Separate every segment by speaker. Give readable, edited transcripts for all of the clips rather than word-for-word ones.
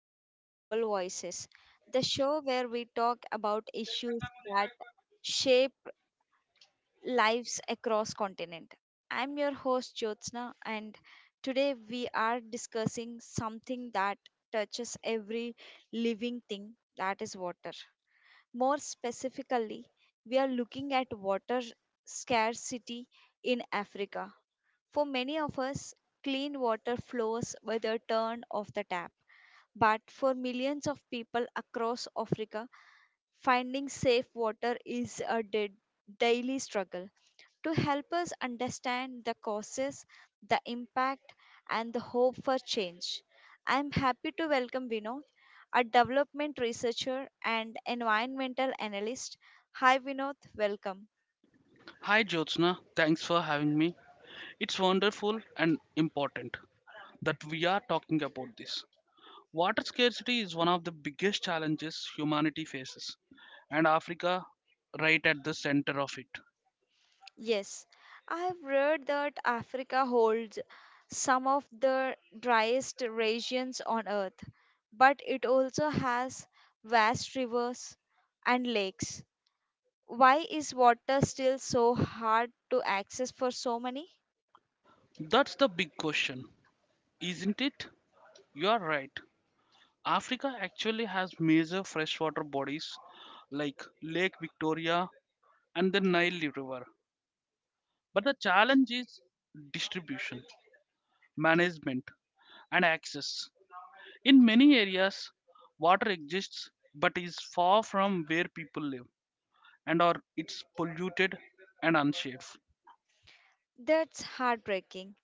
Speaker 1: welcome to Global Voices, the show where we talk about issues that shape lives across continent. I'm your host Jyotsna and today we are discussing something that touches every living thing that is water. More specifically, we are looking at water scarcity in Africa. For many of us, clean water flows with a turn of the tap but for millions of people across Africa, finding safe water is a daily struggle. To help us understand the causes, the impact, and the hope for change, I am happy to welcome Vinod, a development researcher and environmental analyst. Hi, Vinod, welcome.
Speaker 2: Hi Jyotsna, thanks for having me. It's wonderful and important that we are talking about this. Water scarcity is one of the biggest challenges humanity faces, and Africa right at the center of it.
Speaker 1: Yes, I have read that Africa holds some of the driest regions on earth, but it also has vast rivers and lakes. Why is water still so hard to access for so many?
Speaker 2: That's the big question, isn't it? You are right. Africa actually has major freshwater bodies like Lake Victoria and the Nile River. But the challenge is distribution, management, and access. In many areas, water exists but is far from where people live and or it's polluted and unsafe.
Speaker 1: That's heartbreaking.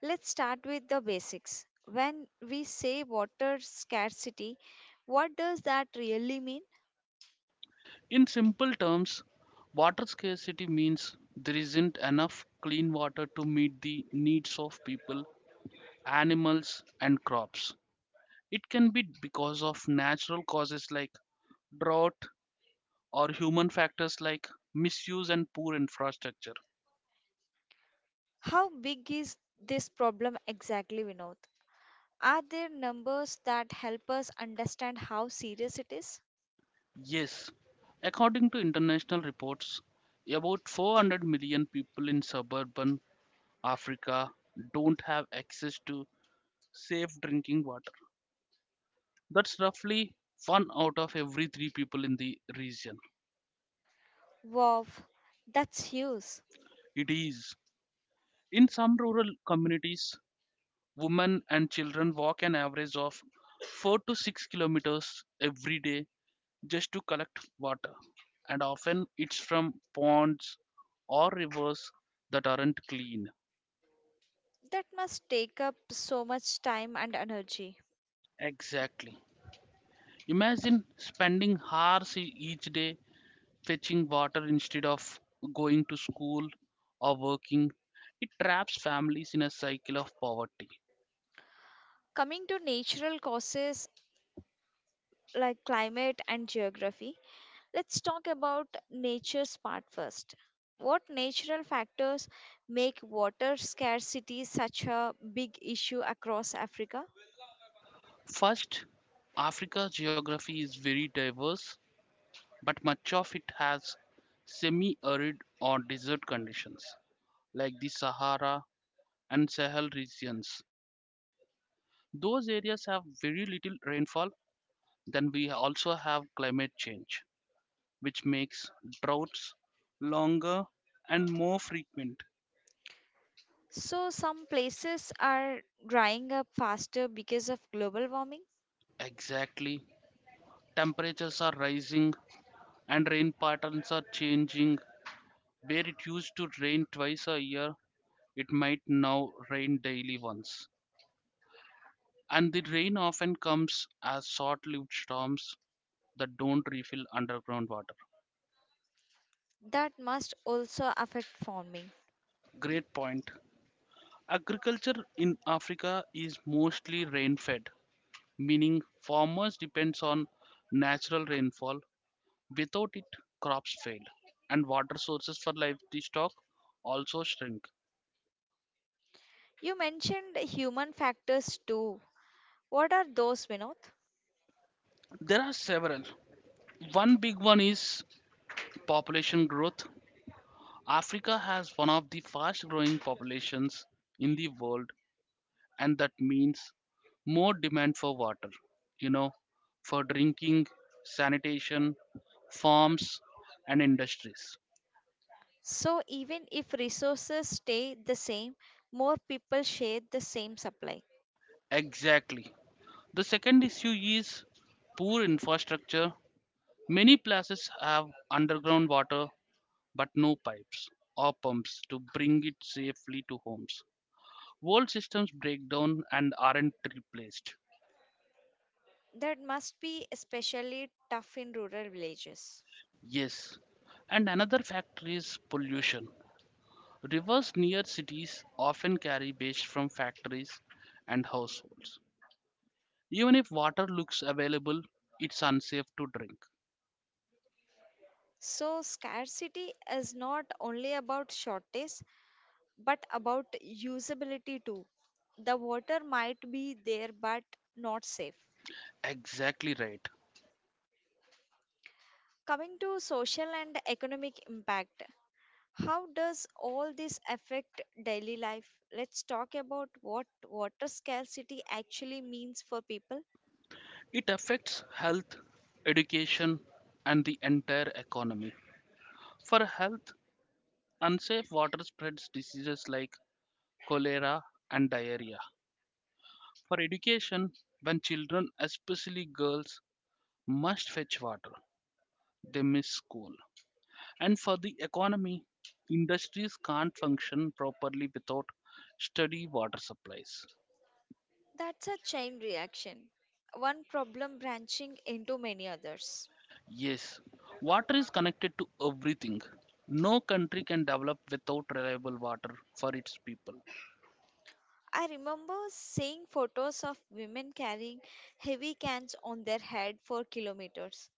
Speaker 1: Let's start with the basics. When we say water scarcity, what does that really mean?
Speaker 2: In simple terms, water scarcity means there isn't enough clean water to meet the needs of people, animals and crops. It can be because of natural causes like drought or human factors like misuse and poor infrastructure.
Speaker 1: How big is this problem exactly, Vinod? Are there numbers that help us understand how serious it is?
Speaker 2: Yes, according to international reports, about 400 million people in suburban Africa don't have access to safe drinking water. That's roughly one out of every three people in the region.
Speaker 1: Wow, that's huge.
Speaker 2: It is. In some rural communities, women and children walk an average of 4 to 6 kilometers every day just to collect water. And often it's from ponds or rivers that aren't clean.
Speaker 1: That must take up so much time and energy.
Speaker 2: Exactly. Imagine spending hours each day fetching water instead of going to school or working. It traps families in a cycle of poverty.
Speaker 1: Coming to natural causes like climate and geography, let's talk about nature's part first. What natural factors make water scarcity such a big issue across Africa?
Speaker 2: First, Africa's geography is very diverse, but much of it has semi arid or desert conditions, like the Sahara and Sahel regions. Those areas have very little rainfall, then we also have climate change which makes droughts longer and more frequent.
Speaker 1: So, some places are drying up faster because of global warming
Speaker 2: Exactly. Temperatures are rising and rain patterns are changing. Where it used to rain twice a year, it might now rain daily once. And the rain often comes as short lived storms that don't refill underground water.
Speaker 1: that must also affect farming.
Speaker 2: Great point. Agriculture in Africa is mostly rain fed, meaning farmers depends on natural rainfall. Without it, crops fail, and water sources for livestock also shrink.
Speaker 1: You mentioned human factors too. What are those, Vinod?
Speaker 2: There are several. One big one is population growth. Africa has one of the fast growing populations in the world, and that means more demand for water, you know, for drinking, sanitation, farms, and industries.
Speaker 1: So, even if resources stay the same, more people share the same supply.
Speaker 2: Exactly. The second issue is poor infrastructure. Many places have underground water but no pipes or pumps to bring it safely to homes. Old systems break down and aren't replaced.
Speaker 1: That must be especially tough in rural villages.
Speaker 2: Yes, and another factor is pollution. Rivers near cities often carry waste from factories and households. Even if water looks available, it's unsafe to drink.
Speaker 1: So, scarcity is not only about shortage but about usability too. The water might be there but not safe.
Speaker 2: Exactly right.
Speaker 1: Coming to social and economic impact, how does all this affect daily life? Let's talk about what water scarcity actually means for people.
Speaker 2: It affects health, education, and the entire economy. For health, unsafe water spreads diseases like cholera and diarrhea. For education, when children, especially girls, must fetch water, they miss school. And for the economy, industries can't function properly without steady water supplies.
Speaker 1: That's a chain reaction, one problem branching into many others.
Speaker 2: Yes, water is connected to everything. No country can develop without reliable water for its people.
Speaker 1: I remember seeing photos of women carrying heavy cans on their head for kilometers.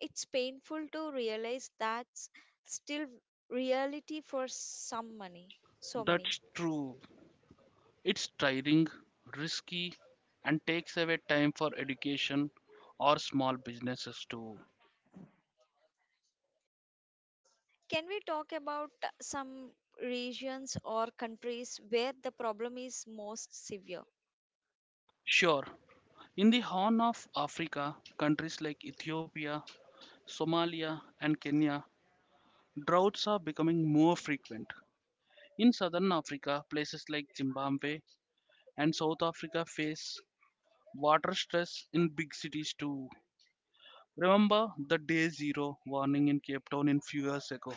Speaker 1: It's painful to realize that's still reality for so many.
Speaker 2: That's true. It's tiring, risky, and takes away time for education or small businesses too.
Speaker 1: Can we talk about some regions or countries where the problem is most severe?
Speaker 2: Sure, in the Horn of Africa, countries like Ethiopia, Somalia, and Kenya, droughts are becoming more frequent. In southern Africa, places like Zimbabwe and South Africa face water stress in big cities too. Remember the day zero warning in Cape Town in few years ago?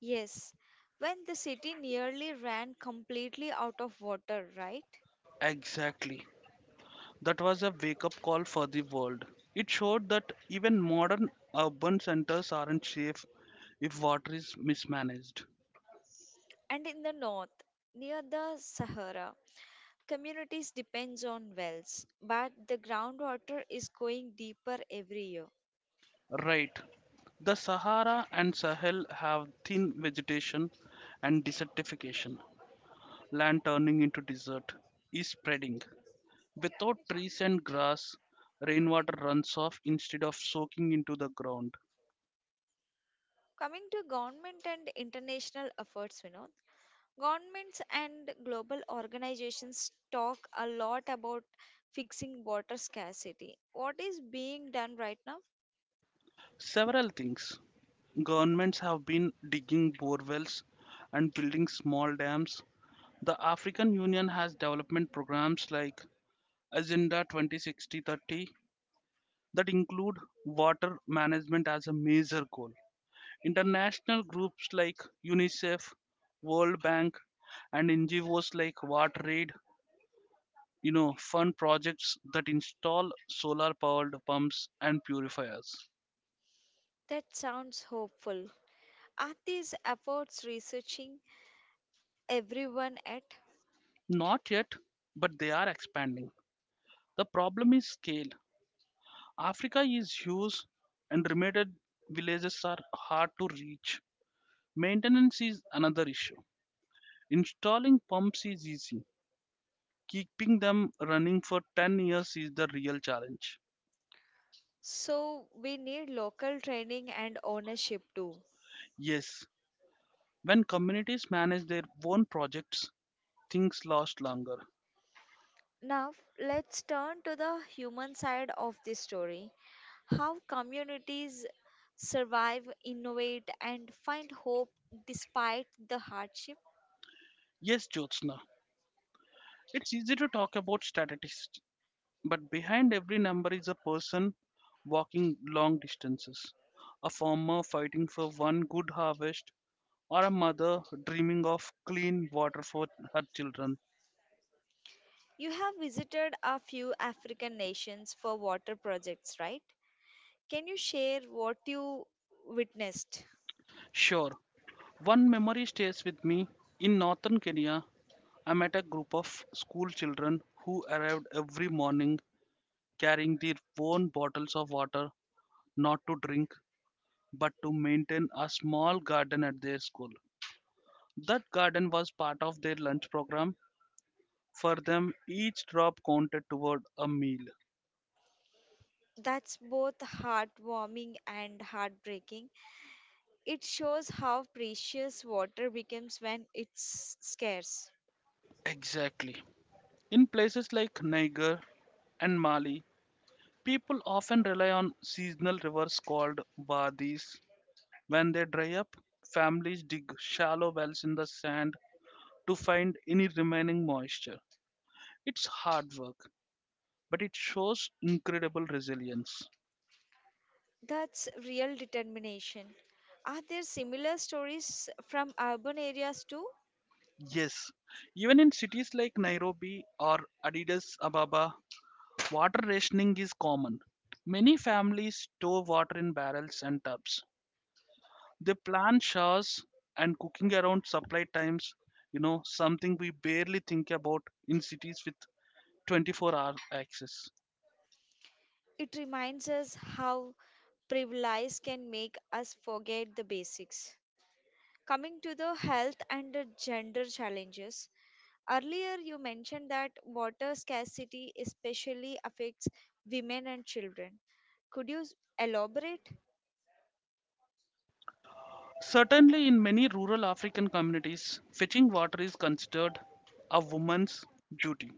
Speaker 1: Yes, when the city nearly ran completely out of water, right?
Speaker 2: Exactly. That was a wake up call for the world. It showed that even modern urban centers aren't safe if water is mismanaged.
Speaker 1: And in the north, near the Sahara, communities depends on wells, but the groundwater is going deeper every year.
Speaker 2: Right. The Sahara and Sahel have thin vegetation and desertification. Land turning into desert is spreading. Without trees and grass, rainwater runs off instead of soaking into the ground.
Speaker 1: Coming to government and international efforts, governments and global organizations talk a lot about fixing water scarcity. What is being done right now?
Speaker 2: Several things governments have been digging bore wells and building small dams. The African Union has development programs like Agenda 2060 that include water management as a major goal. International groups like UNICEF, World Bank, and NGOs like WaterAid, you know, fund projects that install solar-powered pumps and purifiers.
Speaker 1: That sounds hopeful. Are these efforts researching everyone at?
Speaker 2: Not yet, but they are expanding. The problem is scale. Africa is huge, and remote villages are hard to reach. Maintenance is another issue. Installing pumps is easy. Keeping them running for 10 years is the real challenge.
Speaker 1: So we need local training and ownership too.
Speaker 2: Yes, when communities manage their own projects, things last longer.
Speaker 1: Now let's turn to the human side of this story. How communities survive, innovate, and find hope despite the hardship.
Speaker 2: Yes, Jyotsna, it's easy to talk about statistics, but behind every number is a person walking long distances, a farmer fighting for one good harvest, or a mother dreaming of clean water for her children.
Speaker 1: You have visited a few African nations for water projects, right? Can you share what you witnessed?
Speaker 2: Sure, one memory stays with me. In northern Kenya, I met a group of school children who arrived every morning carrying their own bottles of water, not to drink, but to maintain a small garden at their school. That garden was part of their lunch program. For them, each drop counted toward a meal.
Speaker 1: That's both heartwarming and heartbreaking. It shows how precious water becomes when it's scarce.
Speaker 2: Exactly. In places like Niger and Mali, people often rely on seasonal rivers called wadis. When they dry up, families dig shallow wells in the sand to find any remaining moisture. It's hard work, but it shows incredible resilience.
Speaker 1: That's real determination. Are there similar stories from urban areas too?
Speaker 2: Yes, even in cities like Nairobi or Addis Ababa, water rationing is common. Many families store water in barrels and tubs. They plan showers and cooking around supply times, you know, something we barely think about in cities with 24-hour access.
Speaker 1: It reminds us how privilege can make us forget the basics. Coming to the health and the gender challenges, earlier you mentioned that water scarcity especially affects women and children. Could you elaborate?
Speaker 2: Certainly, in many rural African communities, fetching water is considered a woman's duty.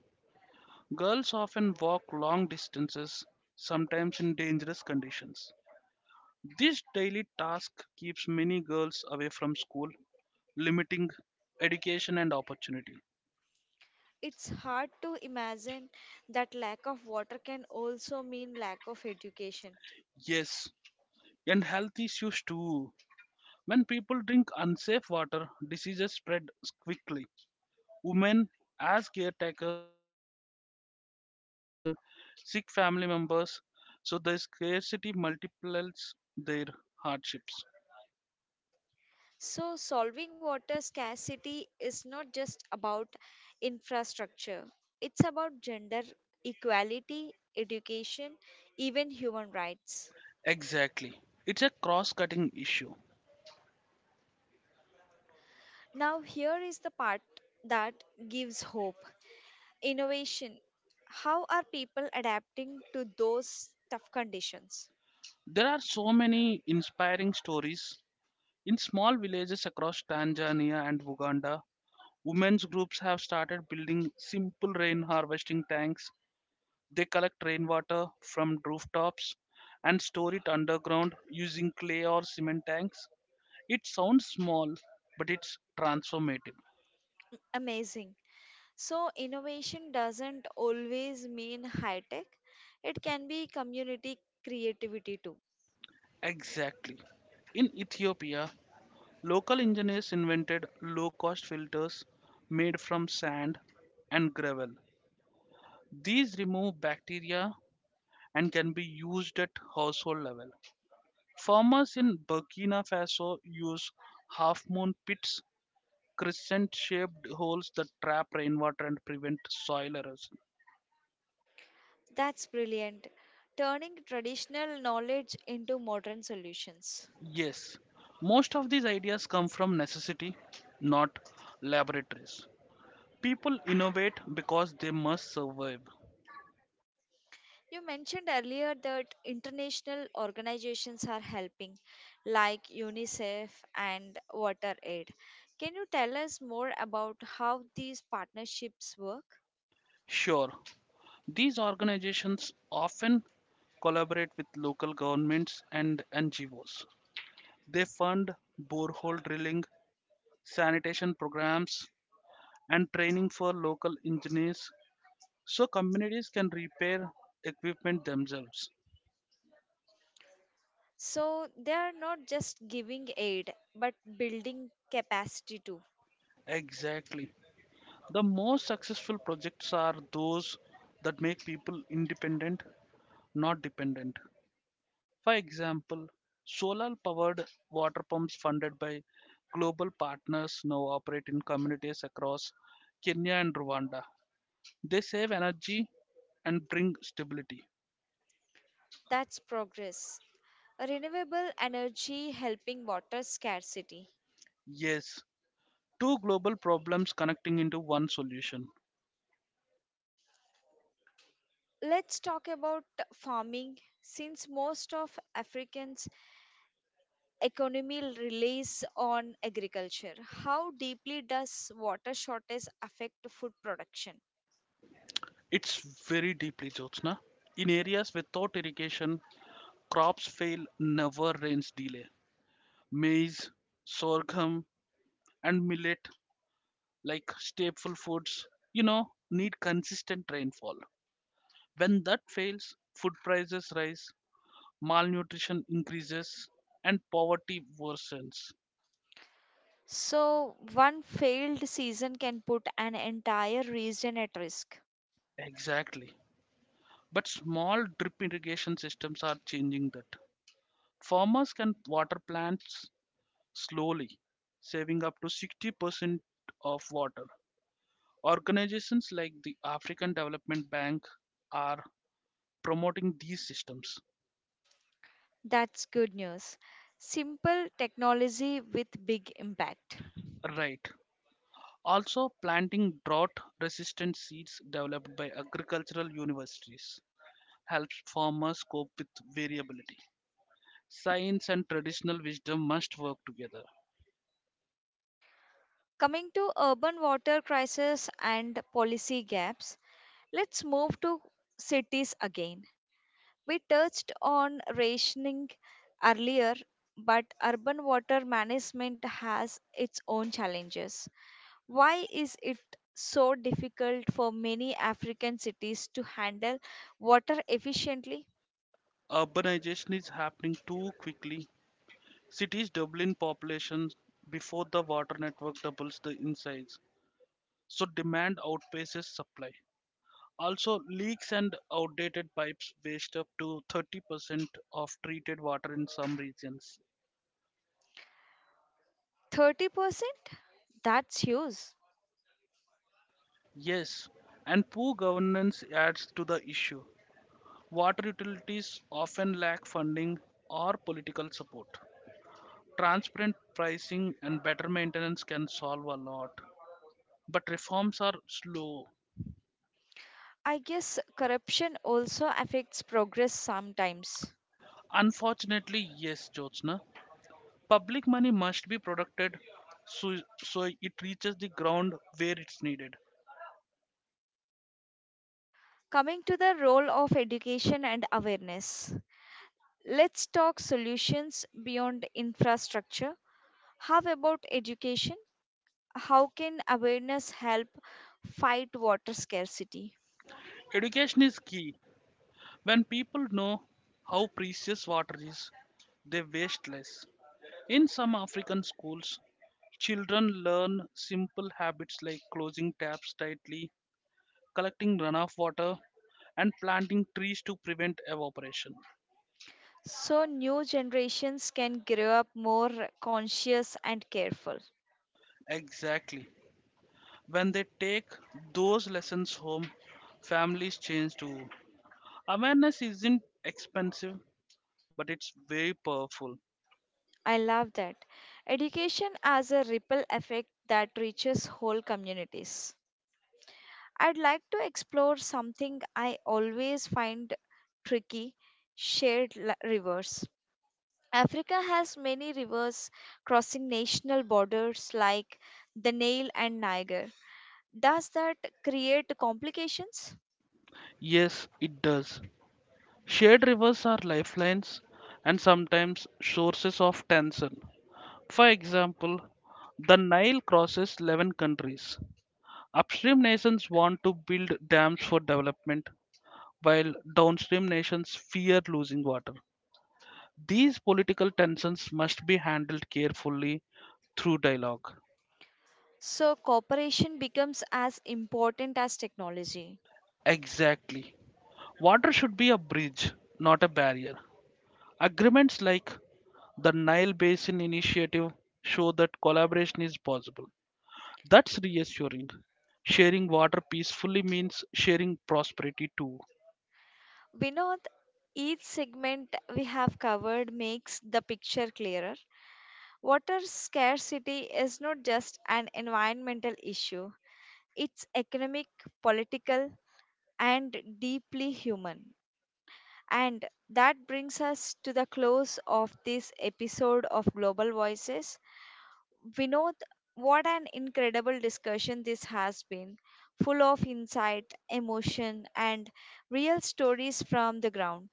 Speaker 2: Girls often walk long distances, sometimes in dangerous conditions. This daily task keeps many girls away from school, limiting education and opportunity.
Speaker 1: It's hard to imagine that lack of water can also mean lack of education.
Speaker 2: Yes, and health issues too. When people drink unsafe water, diseases spread quickly. Women as caretakers face the burden of nursing sick family members, so the scarcity multiplies their hardships.
Speaker 1: So, solving water scarcity is not just about infrastructure, it's about gender equality, education, even human rights.
Speaker 2: Exactly. It's a cross cutting issue.
Speaker 1: Now, here is the part that gives hope innovation. How are people adapting to those tough conditions?
Speaker 2: There are so many inspiring stories. In small villages across Tanzania and Uganda, women's groups have started building simple rain harvesting tanks. They collect rainwater from rooftops and store it underground using clay or cement tanks. It sounds small, but it's transformative.
Speaker 1: Amazing. So, innovation doesn't always mean high tech, it can be community creativity too.
Speaker 2: Exactly. In Ethiopia, local engineers invented low cost filters made from sand and gravel. These remove bacteria and can be used at household level. Farmers in Burkina Faso use half moon pits, crescent shaped holes that trap rainwater and prevent soil erosion.
Speaker 1: That's brilliant. Turning traditional knowledge into modern solutions.
Speaker 2: Yes, most of these ideas come from necessity, not laboratories. People innovate because they must survive.
Speaker 1: You mentioned earlier that international organizations are helping, like UNICEF and Water Aid. Can you tell us more about how these partnerships work?
Speaker 2: Sure, these organizations often collaborate with local governments and NGOs. They fund borehole drilling, sanitation programs, and training for local engineers so communities can repair equipment themselves.
Speaker 1: So, they are not just giving aid, but building capacity too.
Speaker 2: Exactly. The most successful projects are those that make people independent, not dependent. For example, solar powered water pumps funded by global partners now operate in communities across Kenya and Rwanda. They save energy and bring stability.
Speaker 1: That's progress. Renewable energy helping water scarcity.
Speaker 2: Yes, two global problems connecting into one solution.
Speaker 1: Let's talk about farming. Since most of Africans economy relies on agriculture. How deeply does water shortage affect food production?
Speaker 2: It's very deeply, Jyotsna. In areas without irrigation, crops fail, never rains delay. Maize, sorghum, and millet, like staple foods, you know, need consistent rainfall. When that fails, food prices rise, malnutrition increases, and poverty worsens.
Speaker 1: So, one failed season can put an entire region at risk.
Speaker 2: Exactly. But small drip irrigation systems are changing that. Farmers can water plants slowly, saving up to 60% of water. Organizations like the African Development Bank are promoting these systems.
Speaker 1: That's good news. Simple technology with big impact.
Speaker 2: Right. Also, planting drought resistant seeds developed by agricultural universities helps farmers cope with variability. Science and traditional wisdom must work together.
Speaker 1: Coming to urban water crisis and policy gaps, let's move to cities again. We touched on rationing earlier, but urban water management has its own challenges. Why is it so difficult for many African cities to handle water efficiently?
Speaker 2: Urbanization is happening too quickly. Cities double in population before the water network doubles the in size, so demand outpaces supply. Also, leaks and outdated pipes waste up to 30% of treated water in some regions.
Speaker 1: 30%? That's huge.
Speaker 2: Yes, and poor governance adds to the issue. Water utilities often lack funding or political support. Transparent pricing and better maintenance can solve a lot, but reforms are slow.
Speaker 1: I guess corruption also affects progress sometimes.
Speaker 2: Unfortunately, yes, Jyotsna, public money must be protected so, so it reaches the ground where it's needed.
Speaker 1: Coming to the role of education and awareness, let's talk solutions beyond infrastructure. How about education? How can awareness help fight water scarcity?
Speaker 2: Education is key. When people know how precious water is, they waste less. In some African schools, children learn simple habits like closing taps tightly, collecting runoff water, and planting trees to prevent evaporation.
Speaker 1: So new generations can grow up more conscious and careful.
Speaker 2: Exactly. When they take those lessons home, families change too. Awareness isn't expensive, but it's very powerful.
Speaker 1: I love that. Education as a ripple effect that reaches whole communities. I'd like to explore something I always find tricky shared rivers. Africa has many rivers crossing national borders like the Nile and Niger. Does that create complications?
Speaker 2: Yes, it does. Shared rivers are lifelines and sometimes sources of tension. For example, the Nile crosses 11 countries. Upstream nations want to build dams for development, while downstream nations fear losing water. These political tensions must be handled carefully through dialogue.
Speaker 1: So, cooperation becomes as important as technology.
Speaker 2: Exactly. Water should be a bridge, not a barrier. Agreements like the Nile Basin Initiative show that collaboration is possible. That's reassuring. Sharing water peacefully means sharing prosperity too.
Speaker 1: Vinod, each segment we have covered makes the picture clearer. Water scarcity is not just an environmental issue, it's economic, political, and deeply human. And that brings us to the close of this episode of Global Voices. Vinod, what an incredible discussion this has been, full of insight, emotion, and real stories from the ground.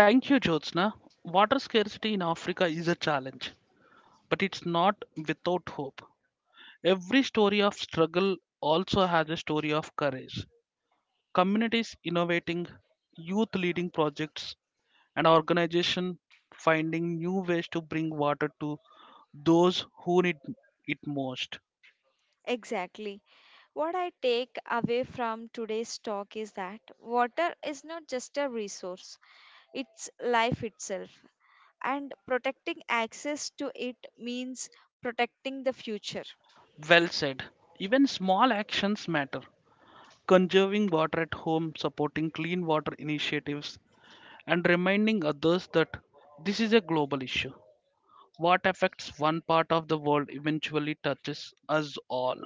Speaker 2: Thank you, Jyotsna. Water scarcity in Africa is a challenge, but it's not without hope. Every story of struggle also has a story of courage. Communities innovating, youth leading projects, and organizations finding new ways to bring water to those who need it most.
Speaker 1: Exactly. What I take away from today's talk is that water is not just a resource, it's life itself. And protecting access to it means protecting the future.
Speaker 2: Well said. Even small actions matter. Conserving water at home, supporting clean water initiatives, and reminding others that this is a global issue. What affects one part of the world eventually touches us all.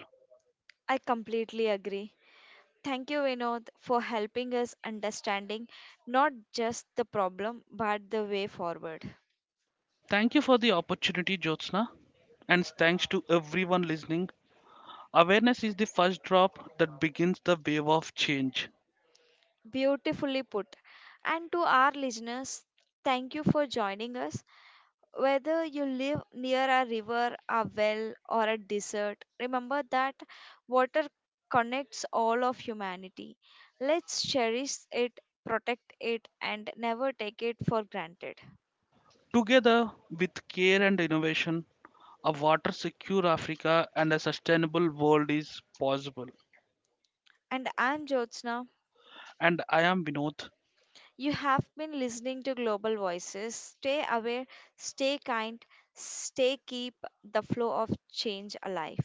Speaker 1: I completely agree. Thank you, Vinod, for helping us understanding not just the problem but the way forward.
Speaker 2: Thank you for the opportunity, Jyotsna, and thanks to everyone listening. Awareness is the first drop that begins the wave of change.
Speaker 1: Beautifully put. And to our listeners, thank you for joining us. Whether you live near a river, a well, or a desert, remember that water connects all of humanity. Let's cherish it, protect it, and never take it for granted.
Speaker 2: Together with care and innovation, a water secure Africa and a sustainable world is possible.
Speaker 1: And I'm Jyotsna.
Speaker 2: And I am Vinod.
Speaker 1: You have been listening to Global Voices. Stay aware, stay kind, stay keep the flow of change alive.